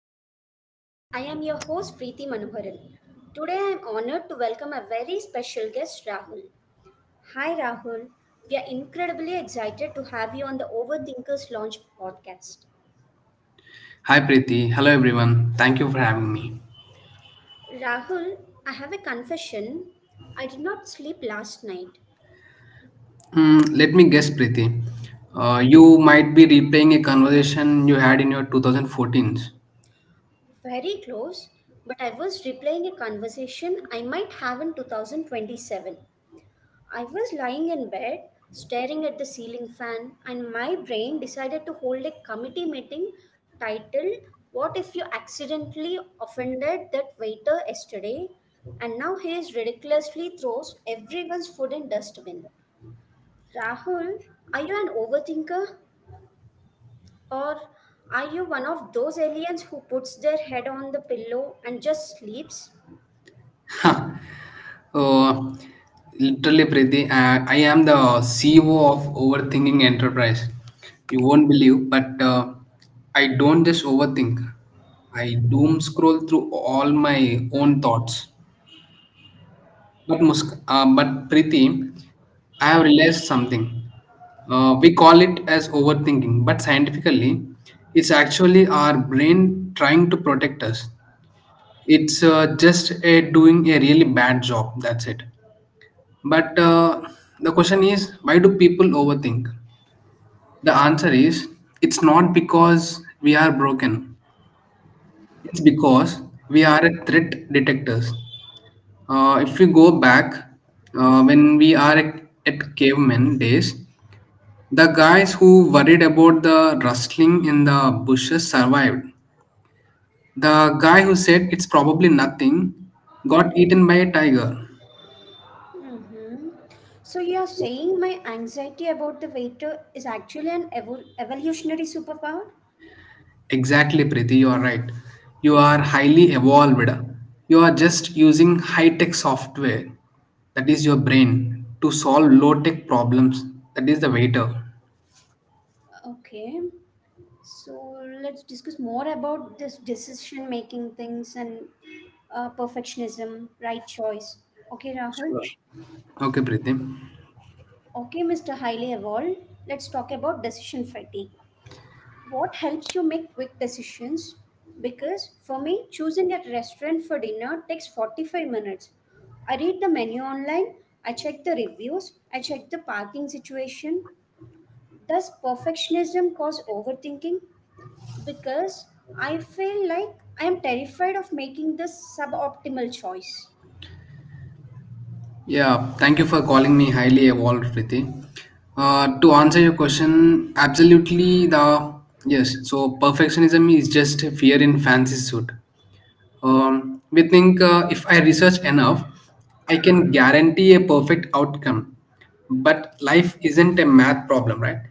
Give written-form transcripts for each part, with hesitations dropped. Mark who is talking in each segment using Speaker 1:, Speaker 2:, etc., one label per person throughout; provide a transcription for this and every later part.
Speaker 1: podcast. I am your host Preeti Manoharan. Today I am honored to welcome a very special guest Rahul. Hi Rahul. We are incredibly excited to have you on the Overthinkers Launch podcast.
Speaker 2: Hi Preeti. Hello everyone. Thank you for having me.
Speaker 1: Rahul, I have a confession. I did not sleep last night.
Speaker 2: Let me guess, Preeti. You might be replaying a conversation you had in your 2014.
Speaker 1: Very close, but I was replaying a conversation I might have in 2027. I was lying in bed, staring at the ceiling fan, and my brain decided to hold a committee meeting titled, what if you accidentally offended that waiter yesterday? And now he is ridiculously throws everyone's food in dustbin. Rahul, are you an overthinker? Or are you one of those aliens who puts their head on the pillow and just sleeps?
Speaker 2: uh, Literally, Preeti, I am the CEO of Overthinking Enterprise. You won't believe, but I don't just overthink. I doom scroll through all my own thoughts. But Preeti, I have realized something. We call it as overthinking, but scientifically, it's actually our brain trying to protect us. It's just doing a really bad job. That's it. But the question is, why do people overthink? The answer is, it's not because we are broken. It's because we are a threat detectors. If you go back, when we are at caveman days, the guys who worried about the rustling in the bushes survived. The guy who said it's probably nothing got eaten by a tiger.
Speaker 1: Mm-hmm. So you are saying my anxiety about the waiter is actually an evolutionary superpower?
Speaker 2: Exactly, Preeti, you are right. You are highly evolved. You are just using high tech software, that is your brain, to solve low tech problems. That is the waiter.
Speaker 1: Okay. So let's discuss more about this decision making things and perfectionism, right choice. Okay, Rahul.
Speaker 2: Sure. Okay, Preeti.
Speaker 1: Okay, Mr. Highly Evolved. Let's talk about decision fatigue. What helps you make quick decisions, because for me choosing a restaurant for dinner takes 45 minutes. I read the menu online, I check the reviews, I check the parking situation. Does perfectionism cause overthinking? Because I feel like I am terrified of making the suboptimal choice.
Speaker 2: Yeah, thank you for calling me highly evolved, Priti. To answer your question, absolutely the yes. So perfectionism is just a fear in fancy suit. We think if I research enough, I can guarantee a perfect outcome. But life isn't a math problem, right?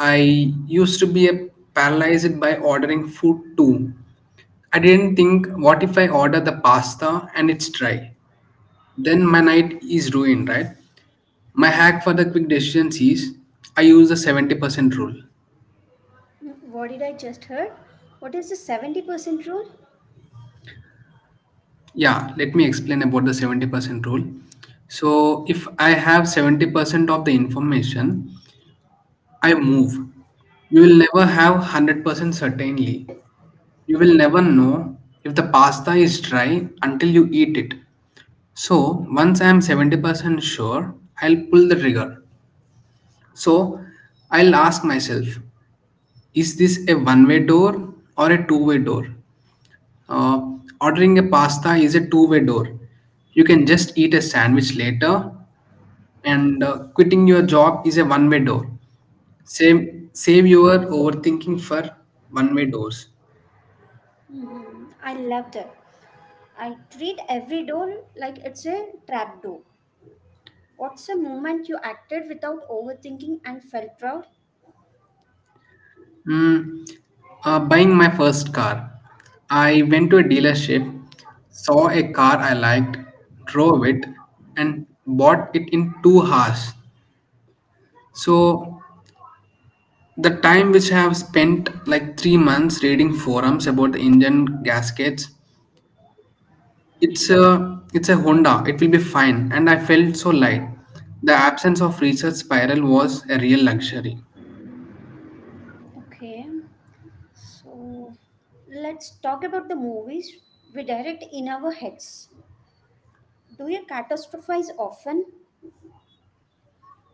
Speaker 2: I used to be a paralyzed by ordering food too. I didn't think, what if I order the pasta and it's dry? Then my night is ruined, right? My hack for the quick decisions is I use the 70% rule.
Speaker 1: Hmm, what did I just heard, what is the 70% rule?
Speaker 2: Yeah, let me explain about the 70% rule. So, if I have 70% of the information, I move. You will never have 100% certainly. You will never know if the pasta is dry until you eat it. So, once I am 70% sure, I'll pull the trigger. So, I'll ask myself, is this a one-way door or a two-way door? Uh, ordering a pasta is a two-way door. You can just eat a sandwich later, and quitting your job is a one-way door. Save your overthinking for one-way doors.
Speaker 1: Hmm, I love that. I treat every door like it's a trap door. What's a moment you acted without overthinking and felt proud?
Speaker 2: Mm, buying my first car. I went to a dealership, saw a car I liked, drove it, and bought it in 2 hours. So the time which I have spent like 3 months reading forums about the engine gaskets, it's a Honda. It will be fine, and I felt so light. The absence of research spiral was a real luxury.
Speaker 1: Okay, so let's talk about the movies we direct in our heads. Do you catastrophize often?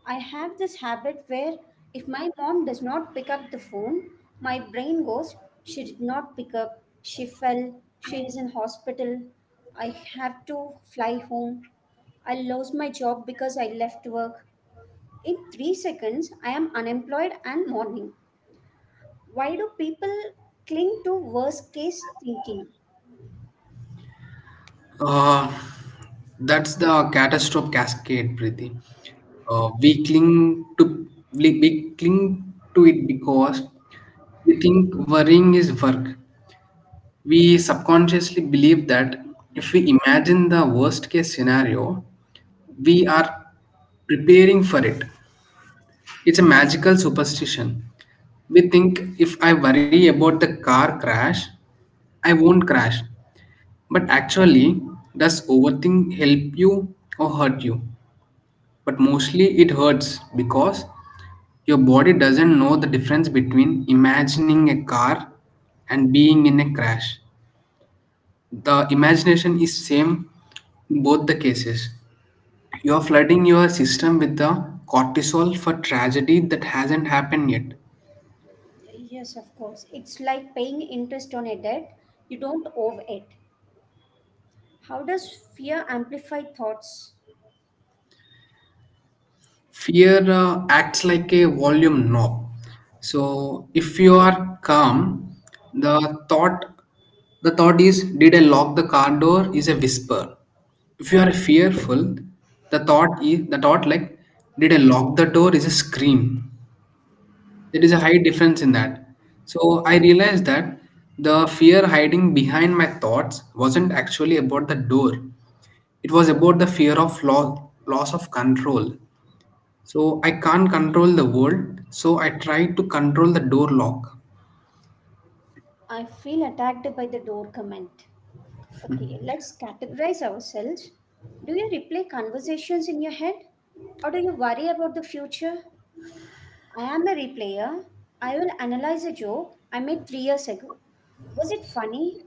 Speaker 1: I have this habit where if my mom does not pick up the phone, my brain goes, she did not pick up, she fell, she is in hospital, I have to fly home, I lost my job because I left work. In 3 seconds, I am unemployed and mourning. Why do people cling to worst case thinking?
Speaker 2: Uh, that's the catastrophe cascade, Preeti. Uh, we cling to we cling to it because we think worrying is work. We subconsciously believe that if we imagine the worst case scenario, we are preparing for it. It's a magical superstition. We think if I worry about the car crash, I won't crash. But actually, does overthink help you or hurt you? But mostly it hurts because your body doesn't know the difference between imagining a car and being in a crash. The imagination is same in both the cases. You're flooding your system with the cortisol for tragedy that hasn't happened yet.
Speaker 1: Yes, of course. It's like paying interest on a debt you don't owe it. How does fear amplify thoughts?
Speaker 2: Fear acts like a volume knob. So if you are calm, the thought the thought is did I lock the car door is a whisper. If you are fearful, the thought like did I lock the door is a scream. There is a high difference in that. So I realized that the fear hiding behind my thoughts wasn't actually about the door. It was about the fear of loss, loss of control. So I can't control the world. So I tried to control the door lock.
Speaker 1: I feel attacked by the door comment. Okay, let's categorize ourselves. Do you replay conversations in your head? Or do you worry about the future? I am a replayer. I will analyze a joke I made 3 years ago. Was it funny?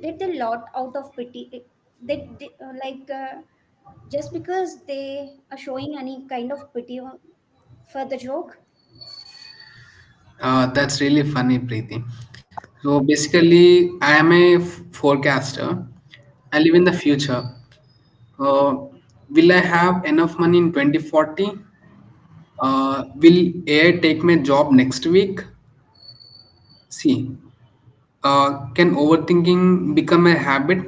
Speaker 1: Did they lot out of pity? They did, like, just because they are showing any kind of pity for the joke.
Speaker 2: That's really funny, Preeti. So basically, I am a forecaster. I live in the future. Uh, will I have enough money in 2040? Will AI take my job next week? See, can overthinking become a habit?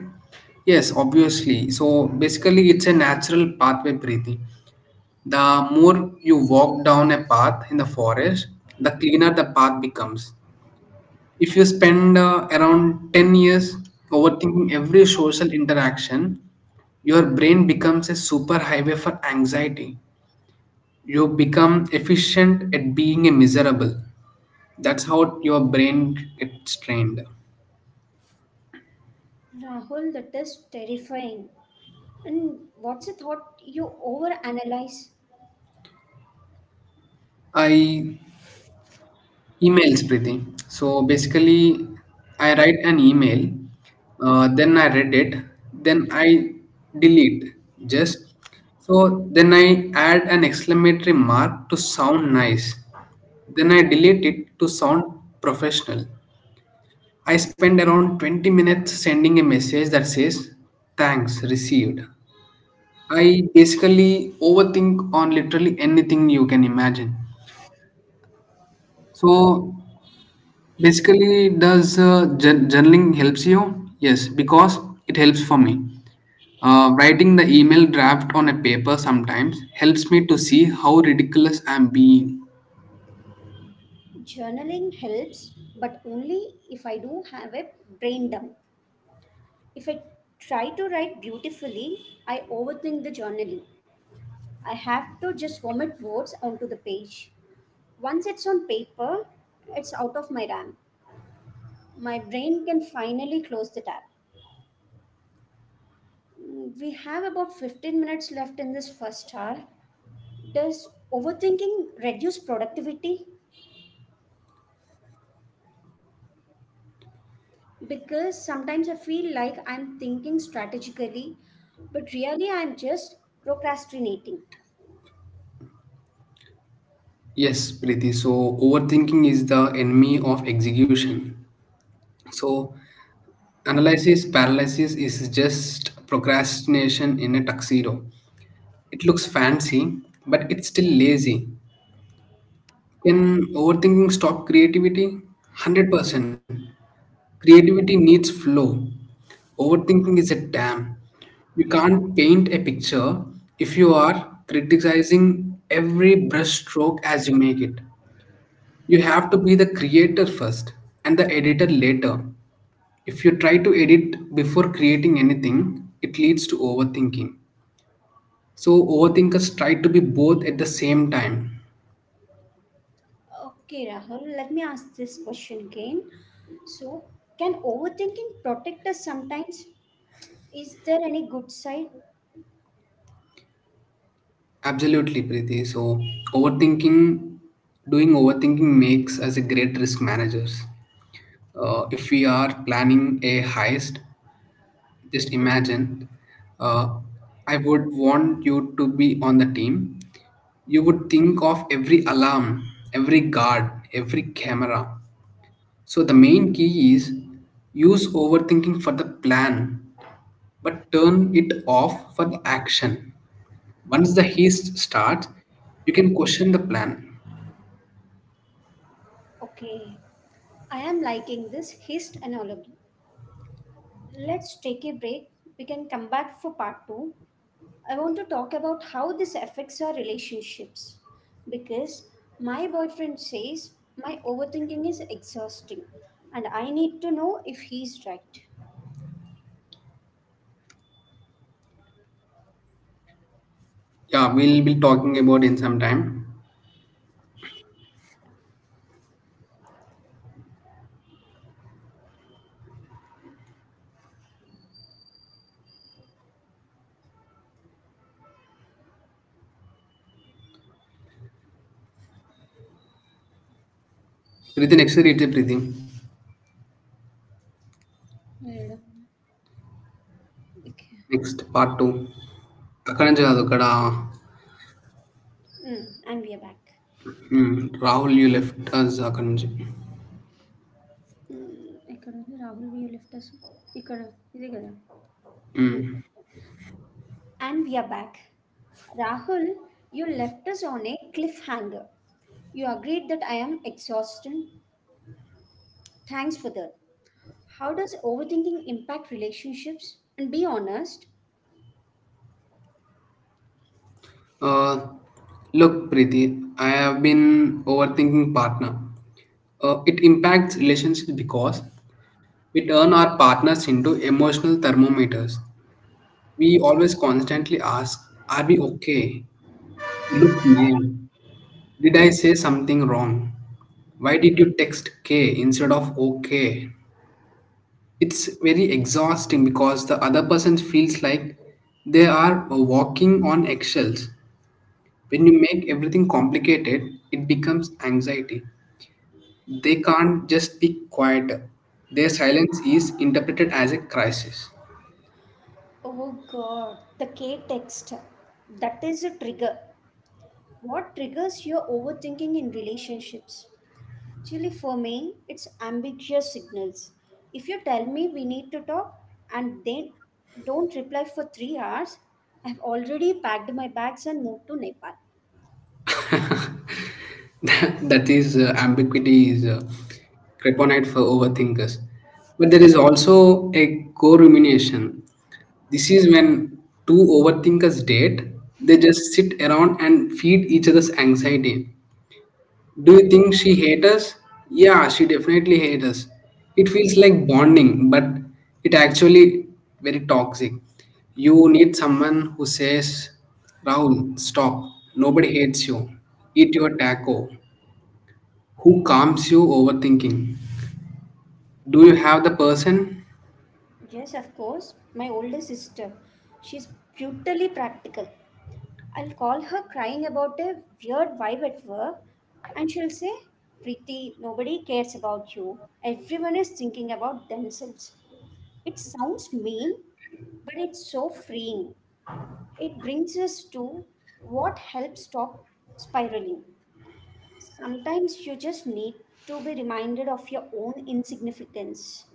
Speaker 2: Yes, obviously. So basically, it's a natural pathway breathing. The more you walk down a path in the forest, the cleaner the path becomes. If you spend around 10 years overthinking every social interaction, your brain becomes a super highway for anxiety. You become efficient at being a miserable. That's how your brain gets trained.
Speaker 1: Rahul, that is terrifying. And what's the thought you overanalyze?
Speaker 2: I emails Preeti. So basically, I write an email, then I read it, then I delete. Just so then I add an exclamatory mark to sound nice, then I delete it to sound professional. I spend around 20 minutes sending a message that says thanks received. I basically overthink on literally anything you can imagine. So basically, does journaling helps you? Yes, because it helps for me. Writing the email draft on a paper sometimes helps me to see how ridiculous I'm being.
Speaker 1: Journaling helps, but only if I do have a brain dump. If I try to write beautifully, I overthink the journaling. I have to just vomit words onto the page. Once it's on paper, it's out of my RAM. My brain can finally close the tab. Mm, we have about 15 minutes left in this first hour. Does overthinking reduce productivity? Because sometimes I feel like I'm thinking strategically, but really I'm just procrastinating.
Speaker 2: Yes, Preeti. So overthinking is the enemy of execution. So analysis paralysis is just procrastination in a tuxedo. It looks fancy, but it's still lazy. Can overthinking stop creativity? 100%. Creativity needs flow. Overthinking is a dam. You can't paint a picture if you are criticizing every brush stroke as you make it. You have to be the creator first and the editor later. If you try to edit before creating anything, it leads to overthinking. So, overthinkers try to be both at the same time.
Speaker 1: Okay, Rahul, let me ask this question again. So, can overthinking protect us sometimes? Is there any good side?
Speaker 2: Absolutely, Preeti. So, overthinking, doing overthinking makes us a great risk managers. If we are planning a heist, just imagine. Uh, I would want you to be on the team. You would think of every alarm, every guard, every camera. So, the main key is use overthinking for the plan, but turn it off for the action. Once the haste starts, you can question the plan.
Speaker 1: Okay, I am liking this hist analogy. Let's take a break. We can come back for part 2. I want to talk about how this affects our relationships, because my boyfriend says my overthinking is exhausting and I need to know if he's right.
Speaker 2: Yeah, we'll be talking about in some time. Breathe in, accelerated breathing.
Speaker 1: Wait, okay.
Speaker 2: Next, part two. అక్కడ నుంచి కాదు అక్కడ
Speaker 1: Mm, and we are back.
Speaker 2: Hmm, Rahul you left us అక్కడ నుంచి
Speaker 1: ఇక్కడ ఉంది Rahul Veo left us ఇక్కడ ఇదే కదా. Mm. And we are back. Rahul, you left us on a cliffhanger. You agreed that I am exhausting. Thanks for that. How does overthinking impact relationships? And be honest.
Speaker 2: Look Preeti I have been overthinking partner it impacts relationship because. We turn our partners into emotional thermometers. We always constantly ask, are we okay? You look mad. Did I say something wrong? Why did you text K instead of OK? It's very exhausting because the other person feels like they are walking on eggshells. When you make everything complicated, it becomes anxiety. They can't just be quiet. Their silence is interpreted as a crisis.
Speaker 1: Oh god, the K text. That is a trigger. What triggers your overthinking in relationships? Actually, for me, it's ambiguous signals. If you tell me we need to talk and then don't reply for 3 hours, I've already packed my bags and moved to Nepal.
Speaker 2: that is Ambiguity is kryptonite for overthinkers. But there is also a co-rumination. This is when two overthinkers date. They just sit around and feed each other's anxiety. Do you think she hates us? Yeah, she definitely hates us. It feels like bonding, but it actually very toxic. You need someone who says, Rahul, stop. Nobody hates you. Eat your taco. Who calms you overthinking? Do you have the person?
Speaker 1: Yes, of course, my older sister. She's brutally practical. I'll call her crying about a weird vibe at work, and she'll say, Preeti, nobody cares about you. Everyone is thinking about themselves. It sounds mean, but it's so freeing. It brings us to what helps stop spiraling. Sometimes you just need to be reminded of your own insignificance.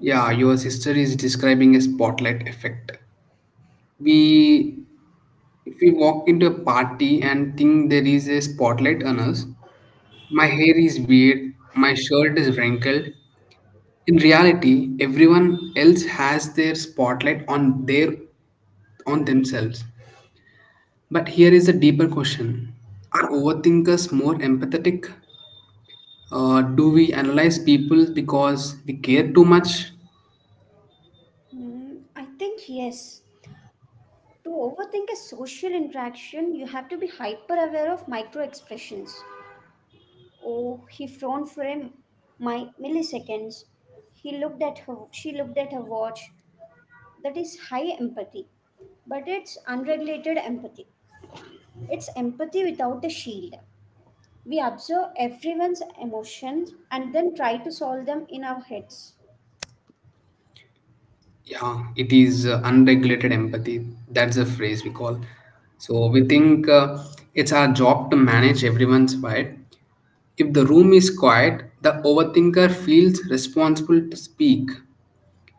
Speaker 2: Yeah, your sister is describing a spotlight effect. We If we walk into a party and think there is a spotlight on us, my hair is weird, my shirt is wrinkled. In reality, everyone else has their spotlight on their on themselves. But here is a deeper question. Are overthinkers more empathetic? Do we analyze people because we care too much?
Speaker 1: Hmm, I think yes. To overthink a social interaction, you have to be hyper aware of micro expressions. Oh, he frowned for him my milliseconds. He looked at her, she looked at her watch. That is high empathy. But it's unregulated empathy. It's empathy without a shield. We observe everyone's emotions and then try to solve them in our heads.
Speaker 2: Yeah, it is unregulated empathy. That's a phrase we call. So we think it's our job to manage everyone's vibe. If the room is quiet, the overthinker feels responsible to speak.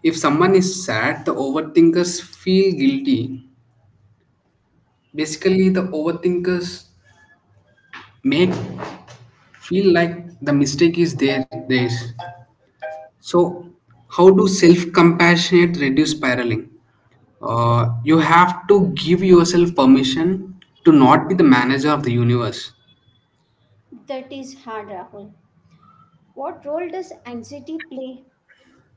Speaker 2: If someone is sad, the overthinkers feel guilty. Basically, the overthinkers make feel like the mistake is theirs. So, how do self compassionate reduce spiraling? You have to give yourself permission to not be the manager of the universe.
Speaker 1: That is hard, Rahul. What role does anxiety play?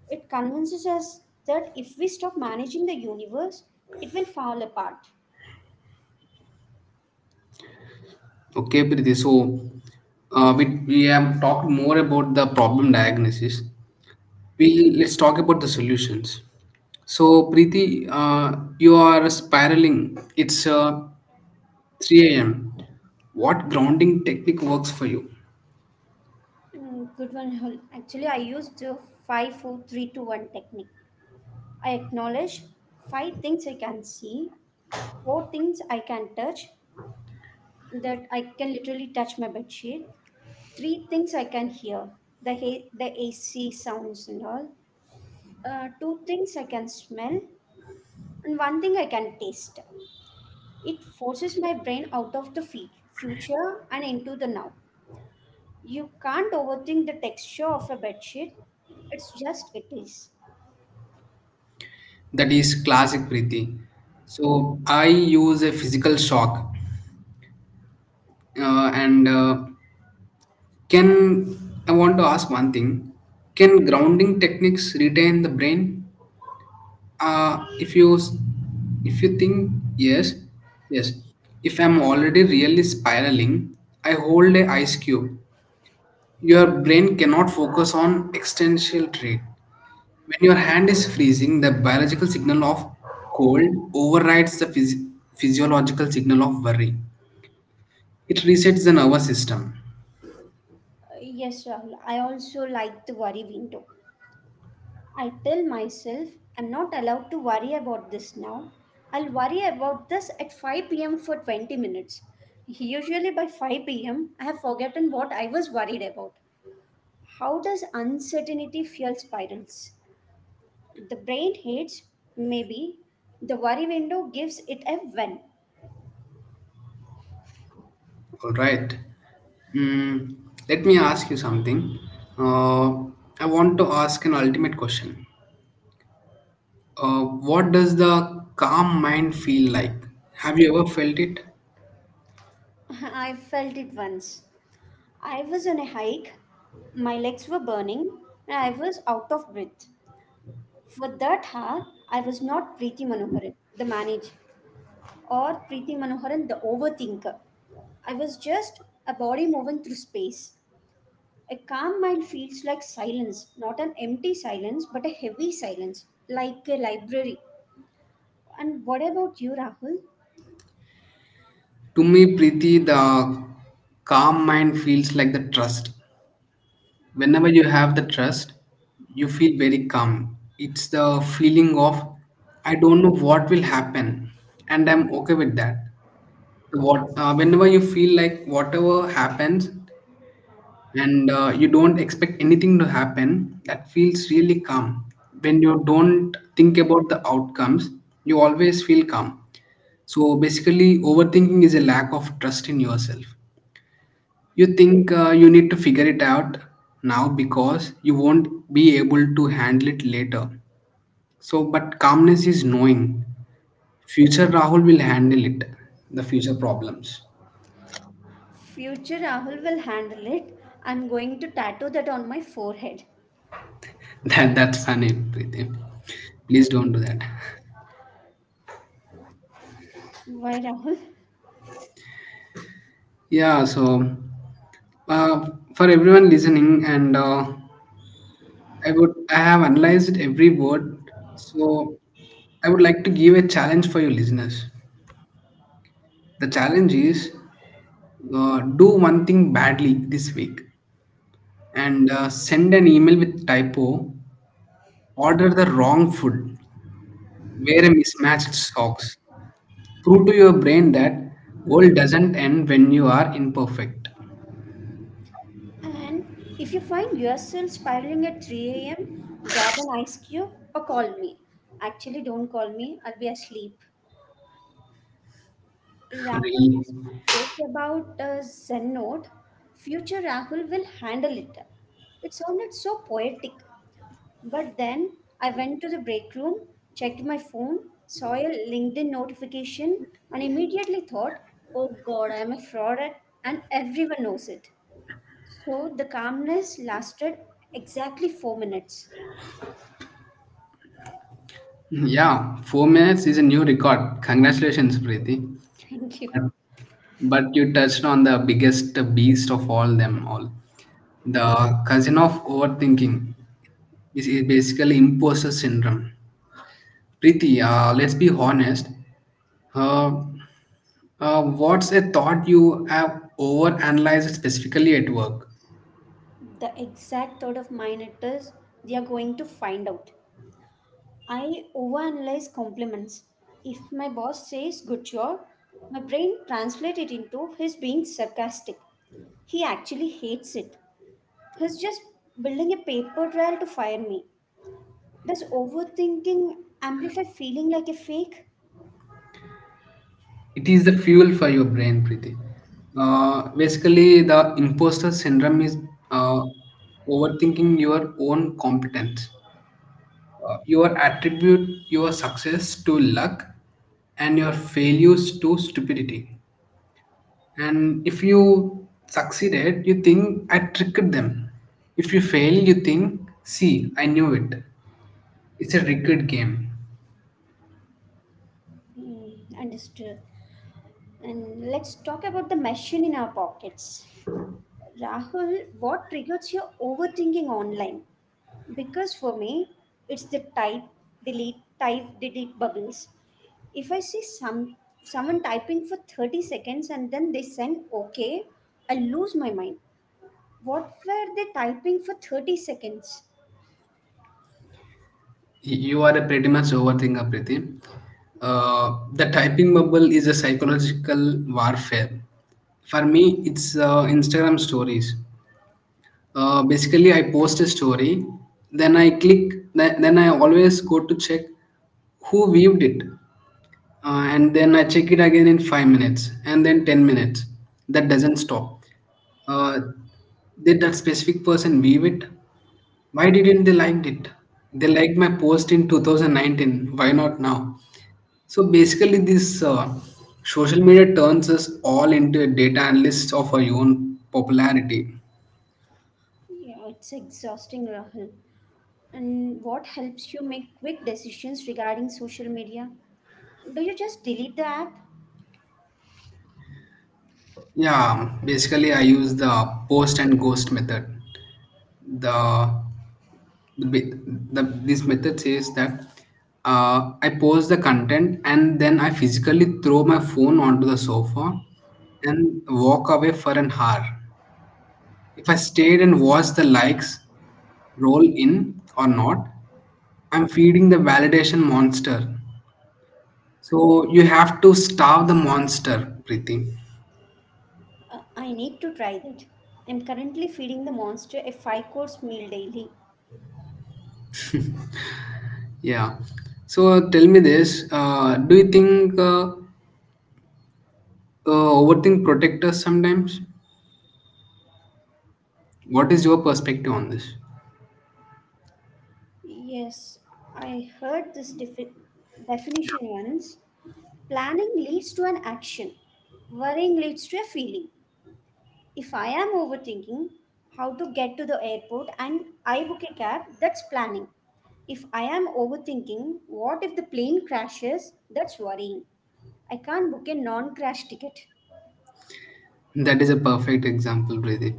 Speaker 1: It convinces us that if we stop managing the universe, it will fall apart.
Speaker 2: Okay, Priti. So, we have talked more about the problem diagnosis. We Let's talk about the solutions. So, Preeti, you are spiraling. It's 3 a.m. What grounding technique works for you?
Speaker 1: Mm, good one, Rahul. Actually, I used the five, four, three, two, one technique. I acknowledge five things I can see, four things I can touch, that I can literally touch my bedsheet, three things I can hear, the AC sounds and all, two things I can smell, and one thing I can taste. It forces my brain out of the future and into the now. You can't overthink the texture of a bedsheet, it's just it is.
Speaker 2: That is classic Preeti. So I use a physical shock, and can I want to ask one thing? Can grounding techniques retain the brain? Uh, if you s- if you think yes, yes. If I'm already really spiraling, I hold a ice cube. Your brain cannot focus on existential trait. When your hand is freezing, the biological signal of cold overrides the physiological signal of worry. It resets the nervous system.
Speaker 1: Yes, Rahul, I also like the worry window. I tell myself I'm not allowed to worry about this now. I'll worry about this at 5 p.m. for 20 minutes. Usually by 5 p.m., I have forgotten what I was worried about. How does uncertainty fuel spirals? The brain hates maybe. The worry window gives it a when.
Speaker 2: All right. Mm, let me ask you something. Uh, I want to ask an ultimate question. Uh, what does the calm mind feel like? Have you ever felt it?
Speaker 1: I felt it once. I was on a hike, my legs were burning, and I was out of breath. For that hour, I was not Preeti Manoharan, the manager, or Preeti Manoharan, the Overthinker. I was just a body moving through space. A calm mind feels like silence, not an empty silence, but a heavy silence, like a library. And what about you, Rahul?
Speaker 2: To me, Preeti, the calm mind feels like the trust. Whenever you have the trust you feel very calm. It's the feeling of I don't know what will happen and I'm okay with that. So what whenever you feel like whatever happens and you don't expect anything to happen that feels really calm. When you don't think about the outcomes you always feel calm. So basically overthinking is a lack of trust in yourself. You think you need to figure it out now because you won't be able to handle it later. So, but calmness is knowing. Future Rahul will handle it, the future problems.
Speaker 1: Future Rahul will handle it. I'm going to tattoo that on my forehead.
Speaker 2: That's funny, Prithim. Please don't do that.
Speaker 1: Why, Rahul?
Speaker 2: Yeah, so uh, for everyone listening, and I have analyzed every word. So I would like to give a challenge for you listeners. The challenge is do one thing badly this week and send an email with typo, order the wrong food, wear a mismatched socks. Prove to your brain that world doesn't end when you are imperfect.
Speaker 1: And if you find yourself spiraling at 3 a.m., grab an ice cube or call me. Actually, don't call me, I'll be asleep. Rahul, we
Speaker 2: Really?
Speaker 1: spoke about Zen note. Future Rahul will handle it. It sounded so poetic. But then I went to the break room, checked my phone, saw a LinkedIn notification, and immediately thought, oh god, I am a fraud and everyone knows it. So the calmness lasted exactly 4 minutes.
Speaker 2: Yeah, 4 minutes is a new record. Congratulations, Preeti.
Speaker 1: Thank you.
Speaker 2: But, but you touched on the biggest beast of all them all. The cousin of overthinking is basically imposter syndrome. Preeti, let's be honest. Uh, what's a thought you have overanalyzed specifically at work?
Speaker 1: The exact thought of mine it is, they are going to find out. I overanalyze compliments. If my boss says good job, my brain translates it into his being sarcastic. He actually hates it. He's just building a paper trail to fire me. Does overthinking amplify feeling like a fake?
Speaker 2: It is the fuel for your brain, Preeti. Basically, the imposter syndrome is uh, overthinking your own competence. You attribute your success to luck and your failures to stupidity. And if you succeeded, you think I tricked them. If you fail, you think, see, I knew it. It's a rigged game.
Speaker 1: Hmm, understood. And let's talk about the machine in our pockets. Rahul, what triggers your overthinking online? Because for me, it's the type, delete bubbles. If I see some someone typing for 30 seconds and then they send okay, I lose my mind. What were they typing for 30 seconds?
Speaker 2: You are a pretty much overthinker, Priti. The typing bubble is a psychological warfare. For me, it's Instagram stories. Basically, I post a story, then I click, then I always go to check who viewed it and then I check it again in 5 minutes, and then 10 minutes. That doesn't stop. Uh, did that specific person view it? Why didn't they liked it? They liked my post in 2019. Why not now? So basically, this social media turns us all into data analysts of our own popularity.
Speaker 1: Yeah, it's exhausting, Rahul. And what helps you make quick decisions regarding social media? Do you just delete the app?
Speaker 2: Yeah, basically, I use the post and ghost method. The the this method says that I post the content and then I physically throw my phone onto the sofa and walk away for an hour. If I stayed and watched the likes roll in or not, I'm feeding the validation monster. So you have to starve the monster, Preeti.
Speaker 1: I need to try that. I'm currently feeding the monster a five course meal daily.
Speaker 2: Yeah. So tell me this: do you think overthink protect us sometimes? What is your perspective on this?
Speaker 1: Yes, I heard this definition once. Planning leads to an action. Worrying leads to a feeling. If I am overthinking how to get to the airport and I book a cab, that's planning. If I am overthinking what if the plane crashes, that's worrying. I can't book a non crash ticket.
Speaker 2: That is a perfect example, Preeti.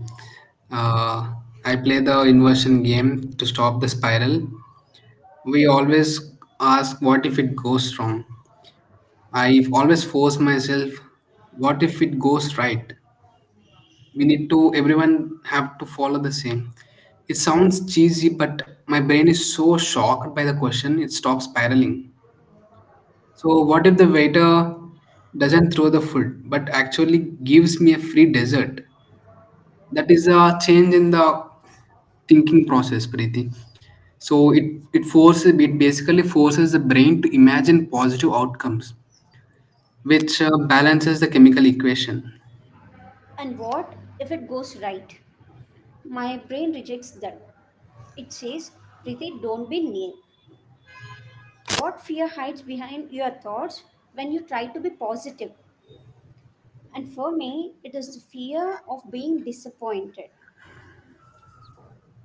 Speaker 2: Uh, I play the inversion game to stop the spiral. We always ask, what if it goes wrong? I always force myself, what if it goes right? We need to, everyone have to follow the same. It sounds cheesy, but my brain is so shocked by the question, it stops spiraling. So, what if the waiter doesn't throw the food, but actually gives me a free dessert? That is a change in the thinking process, Preeti. So it basically forces the brain to imagine positive outcomes, which balances the chemical equation.
Speaker 1: And what if it goes right? My brain rejects that. It says, Prithi, don't be naive. What fear hides behind your thoughts when you try to be positive? And for me, it is the fear of being disappointed.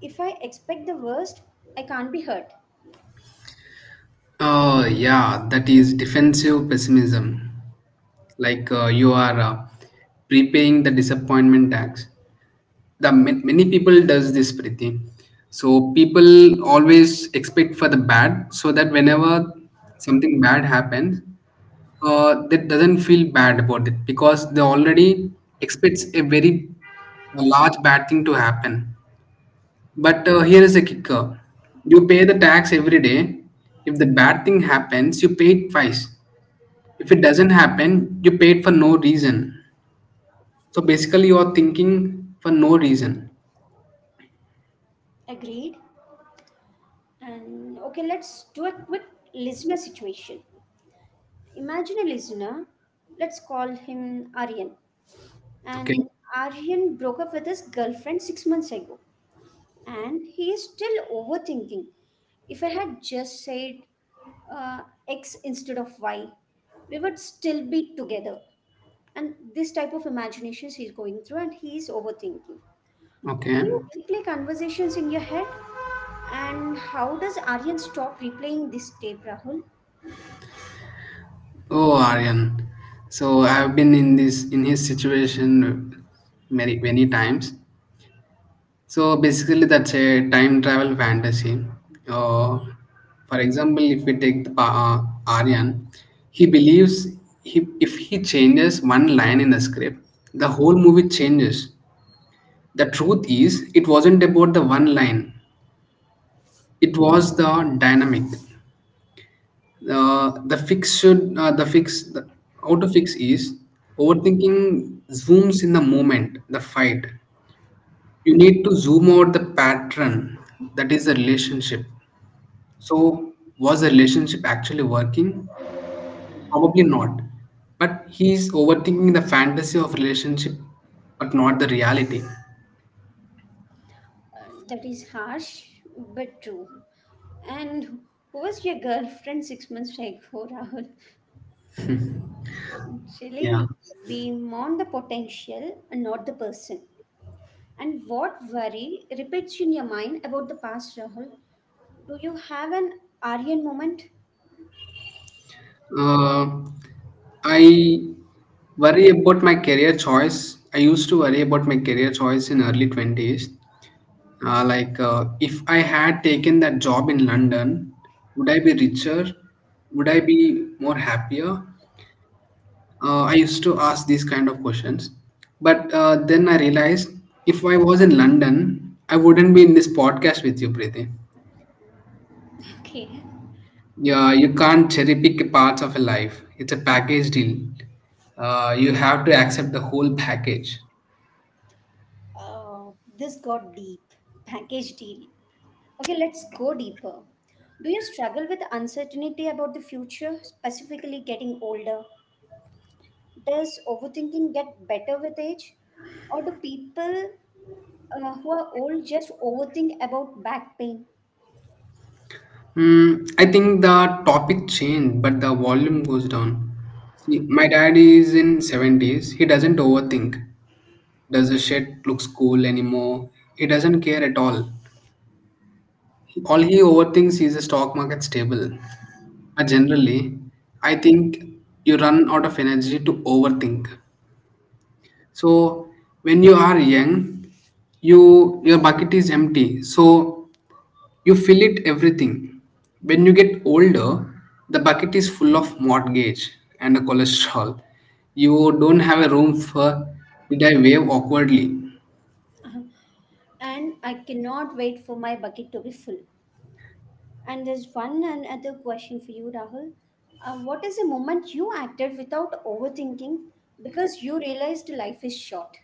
Speaker 1: If I expect the worst, I can't be hurt.
Speaker 2: Yeah, that is defensive pessimism. Like you are prepaying the disappointment tax. The ma- many people does this Priti. So people always expect for the bad, so that whenever something bad happens, that doesn't feel bad about it because they already expects a very large bad thing to happen. But here is a kicker: you pay the tax every day. If the bad thing happens, you pay it twice. If it doesn't happen, you pay it for no reason. So basically, you are thinking for no reason.
Speaker 1: Agreed? And okay, let's do a quick listener situation. Imagine a listener, let's call him Aryan.
Speaker 2: Okay.
Speaker 1: And Aryan broke up with his girlfriend 6 months ago, and he is still overthinking. If I had just said uh, X instead of Y, we would still be together. And this type of imaginations he's going through and he's overthinking.
Speaker 2: Okay.
Speaker 1: Do you replay conversations in your head? And how does Aryan stop replaying this tape, Rahul?
Speaker 2: Oh, Aryan. So I've been in this in his situation many times. So basically, that's a time travel fantasy. Uh, for example, if we take the, Aryan, he believes he, if he changes one line in the script, the whole movie changes. The truth is, it wasn't about the one line. It was the dynamic. The fix should the fix the, how to fix is overthinking zooms in the moment, the fight. You need to zoom out the pattern that is the relationship. So was the relationship actually working? Probably not. But he's overthinking the fantasy of relationship, but not the reality.
Speaker 1: That is harsh, but true. And who was your girlfriend 6 months ago, Rahul?
Speaker 2: Yeah.
Speaker 1: Actually, we mourn the potential and not the person. And what worry repeats in your mind about the past, Rahul? Do you have an Aryan moment?
Speaker 2: Uh, I worry about my career choice. I used to worry about my career choice in early 20s. If I had taken that job in London, would I be richer? Would I be more happier? I used to ask these kind of questions. But then I realized if I was in London, I wouldn't be in this podcast with you, Preeti.
Speaker 1: Okay.
Speaker 2: Yeah, you can't cherry pick parts of a life. It's a package deal. You have to accept the whole package.
Speaker 1: Oh, this got deep. Package deal. Okay, let's go deeper. Do you struggle with uncertainty about the future, specifically getting older? Does overthinking get better with age? Or do people who are old just overthink about back pain?
Speaker 2: I think the topic changed, but the volume goes down. See, my dad is in 70s. He doesn't overthink. Does the shit looks cool anymore? He doesn't care at all. All he overthinks is the stock market stable. But generally, I think you run out of energy to overthink. So when you are young, your bucket is empty. So you fill it everything. When you get older, the bucket is full of mortgage and cholesterol. You don't have a room for did I wave awkwardly.
Speaker 1: Uh-huh. And I cannot wait for my bucket to be full. And there's one another question for you, Rahul. What is the moment you acted without overthinking because you realized life is short?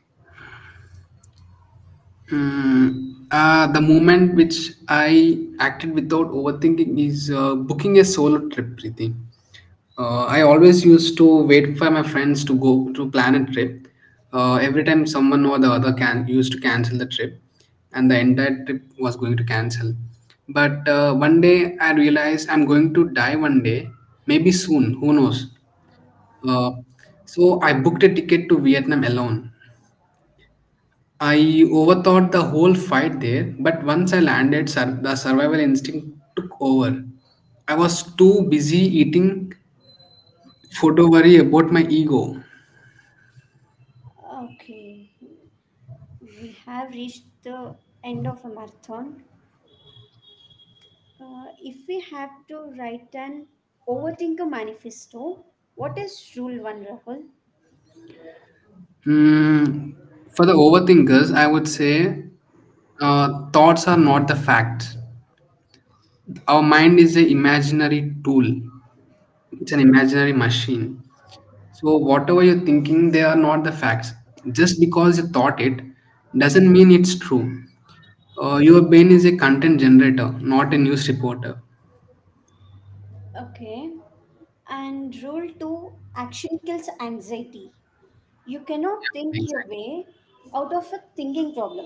Speaker 2: The moment which I acted without overthinking is booking a solo trip, Preeti. I always used to wait for my friends to go to plan a trip. Every time someone or the other can used to cancel the trip, and the entire trip was going to cancel. But one day I realized I'm going to die one day, maybe soon. Who knows? Uh, so I booked a ticket to Vietnam alone. I overthought the whole fight there, but once I landed, the survival instinct took over. I was too busy eating food to worry about my ego.
Speaker 1: Okay, we have reached the end of a marathon. If we have to write an overthinker manifesto, what is rule one, Rahul?
Speaker 2: Mm, for the overthinkers, I would say thoughts are not the fact. Our mind is an imaginary tool. It's an imaginary machine. So whatever you're thinking, they are not the facts. Just because you thought it doesn't mean it's true. Your brain is a content generator, not a news reporter.
Speaker 1: Okay, and rule two, action kills anxiety. You cannot think your
Speaker 2: Exactly.
Speaker 1: way out of a thinking problem.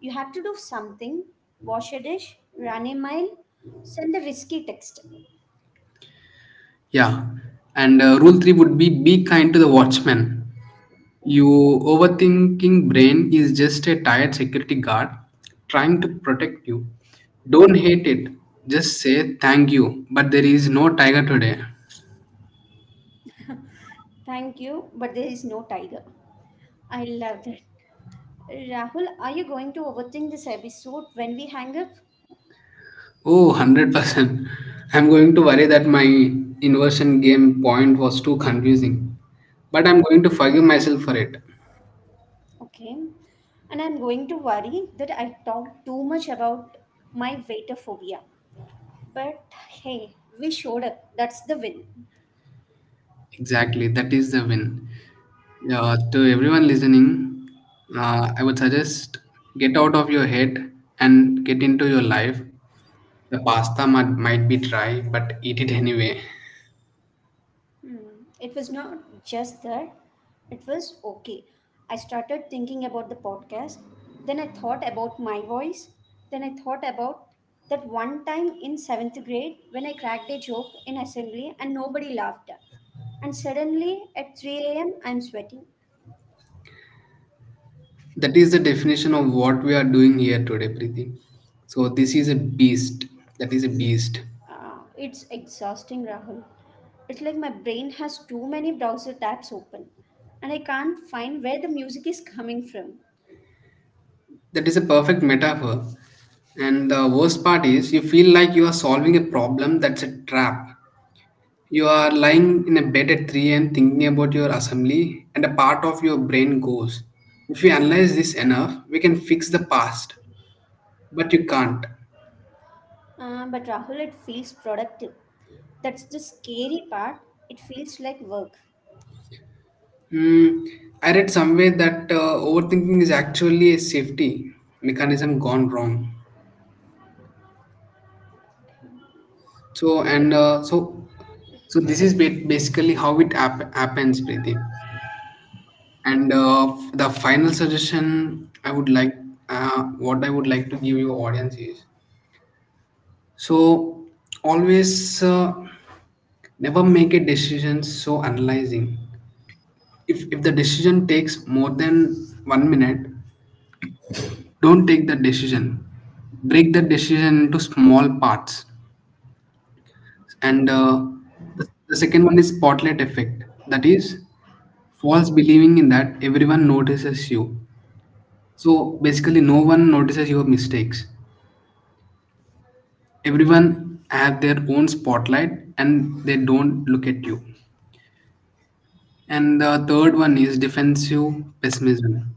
Speaker 1: You have to do something, wash a dish, run a mile, send a risky text.
Speaker 2: Yeah. And rule three would be kind to the watchman. Your overthinking brain is just a tired security guard trying to protect you. Don't hate it. Just say thank you, but there is no tiger today.
Speaker 1: Thank you, but there is no tiger. I love that. Rahul, are you going to overthink this episode when we hang up?
Speaker 2: Oh, 100%. I'm going to worry that my inversion game point was too confusing, but I'm going to forgive myself for it.
Speaker 1: Okay. And I'm going to worry that I talked too much about my waiter phobia. But hey, we showed up. That's the win.
Speaker 2: Exactly, that is the win. Yeah, to everyone listening, I would suggest get out of your head and get into your life. The pasta might be dry, but eat it anyway.
Speaker 1: Hmm. It was not just that. It was okay. I started thinking about the podcast. Then I thought about my voice. Then I thought about that one time in seventh grade when I cracked a joke in assembly and nobody laughed. And suddenly at 3 a.m., I'm sweating.
Speaker 2: That is the definition of what we are doing here today, Preeti. So this is a beast. That is a beast.
Speaker 1: It's exhausting, Rahul. It's like my brain has too many browser tabs open and I can't find where the music is coming from.
Speaker 2: That is a perfect metaphor. And the worst part is you feel like you are solving a problem that's a trap. You are lying in a bed at 3 a.m. thinking about your assembly, and a part of your brain goes, if we analyze this enough, we can fix the past. But you can't.
Speaker 1: But Rahul, it feels productive. That's the scary part. It feels like work.
Speaker 2: Hmm, I read somewhere that overthinking is actually a safety mechanism gone wrong. So and so so this is basically how it happens, Preeti. And the final suggestion I would like, what I would like to give you audience is so always never make a decision so analyzing. If the decision takes more than 1 minute, don't take the decision, break the decision into small parts, and the second one is spotlight effect, that is false believing in that everyone notices you. So basically no one notices your mistakes, everyone have their own spotlight and they don't look at you. And the third one is defensive pessimism,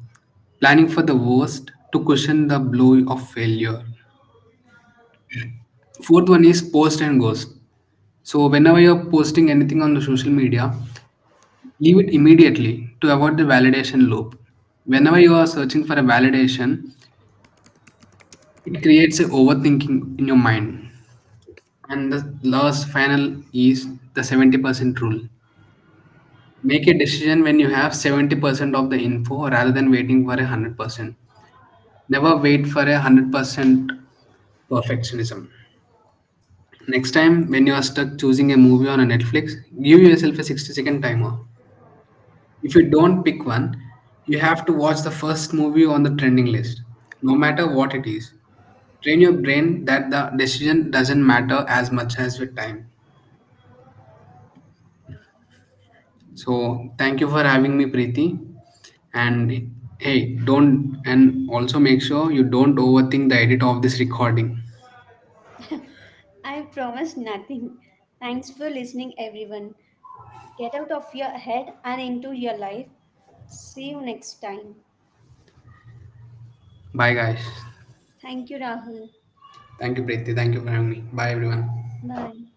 Speaker 2: planning for the worst to cushion the blow of failure. Fourth one is post and ghost. So whenever you're posting anything on the social media, leave it immediately to avoid the validation loop. Whenever you are searching for a validation, it creates a overthinking in your mind. And the last final is the 70% rule. Make a decision when you have 70% of the info rather than waiting for a 100%. Never wait for a 100% perfectionism. Next time, when you are stuck choosing a movie on a Netflix, give yourself a 60-second timer. If you don't pick one, you have to watch the first movie on the trending list, no matter what it is. Train your brain that the decision doesn't matter as much as your time. So, thank you for having me, Preeti. And hey, don't and also make sure you don't overthink the edit of this recording.
Speaker 1: I promise nothing. Thanks for listening, everyone. Get out of your head and into your life. See you next time.
Speaker 2: Bye, guys.
Speaker 1: Thank you, Rahul.
Speaker 2: Thank you, Preeti. Thank you for having me. Bye, everyone.
Speaker 1: Bye.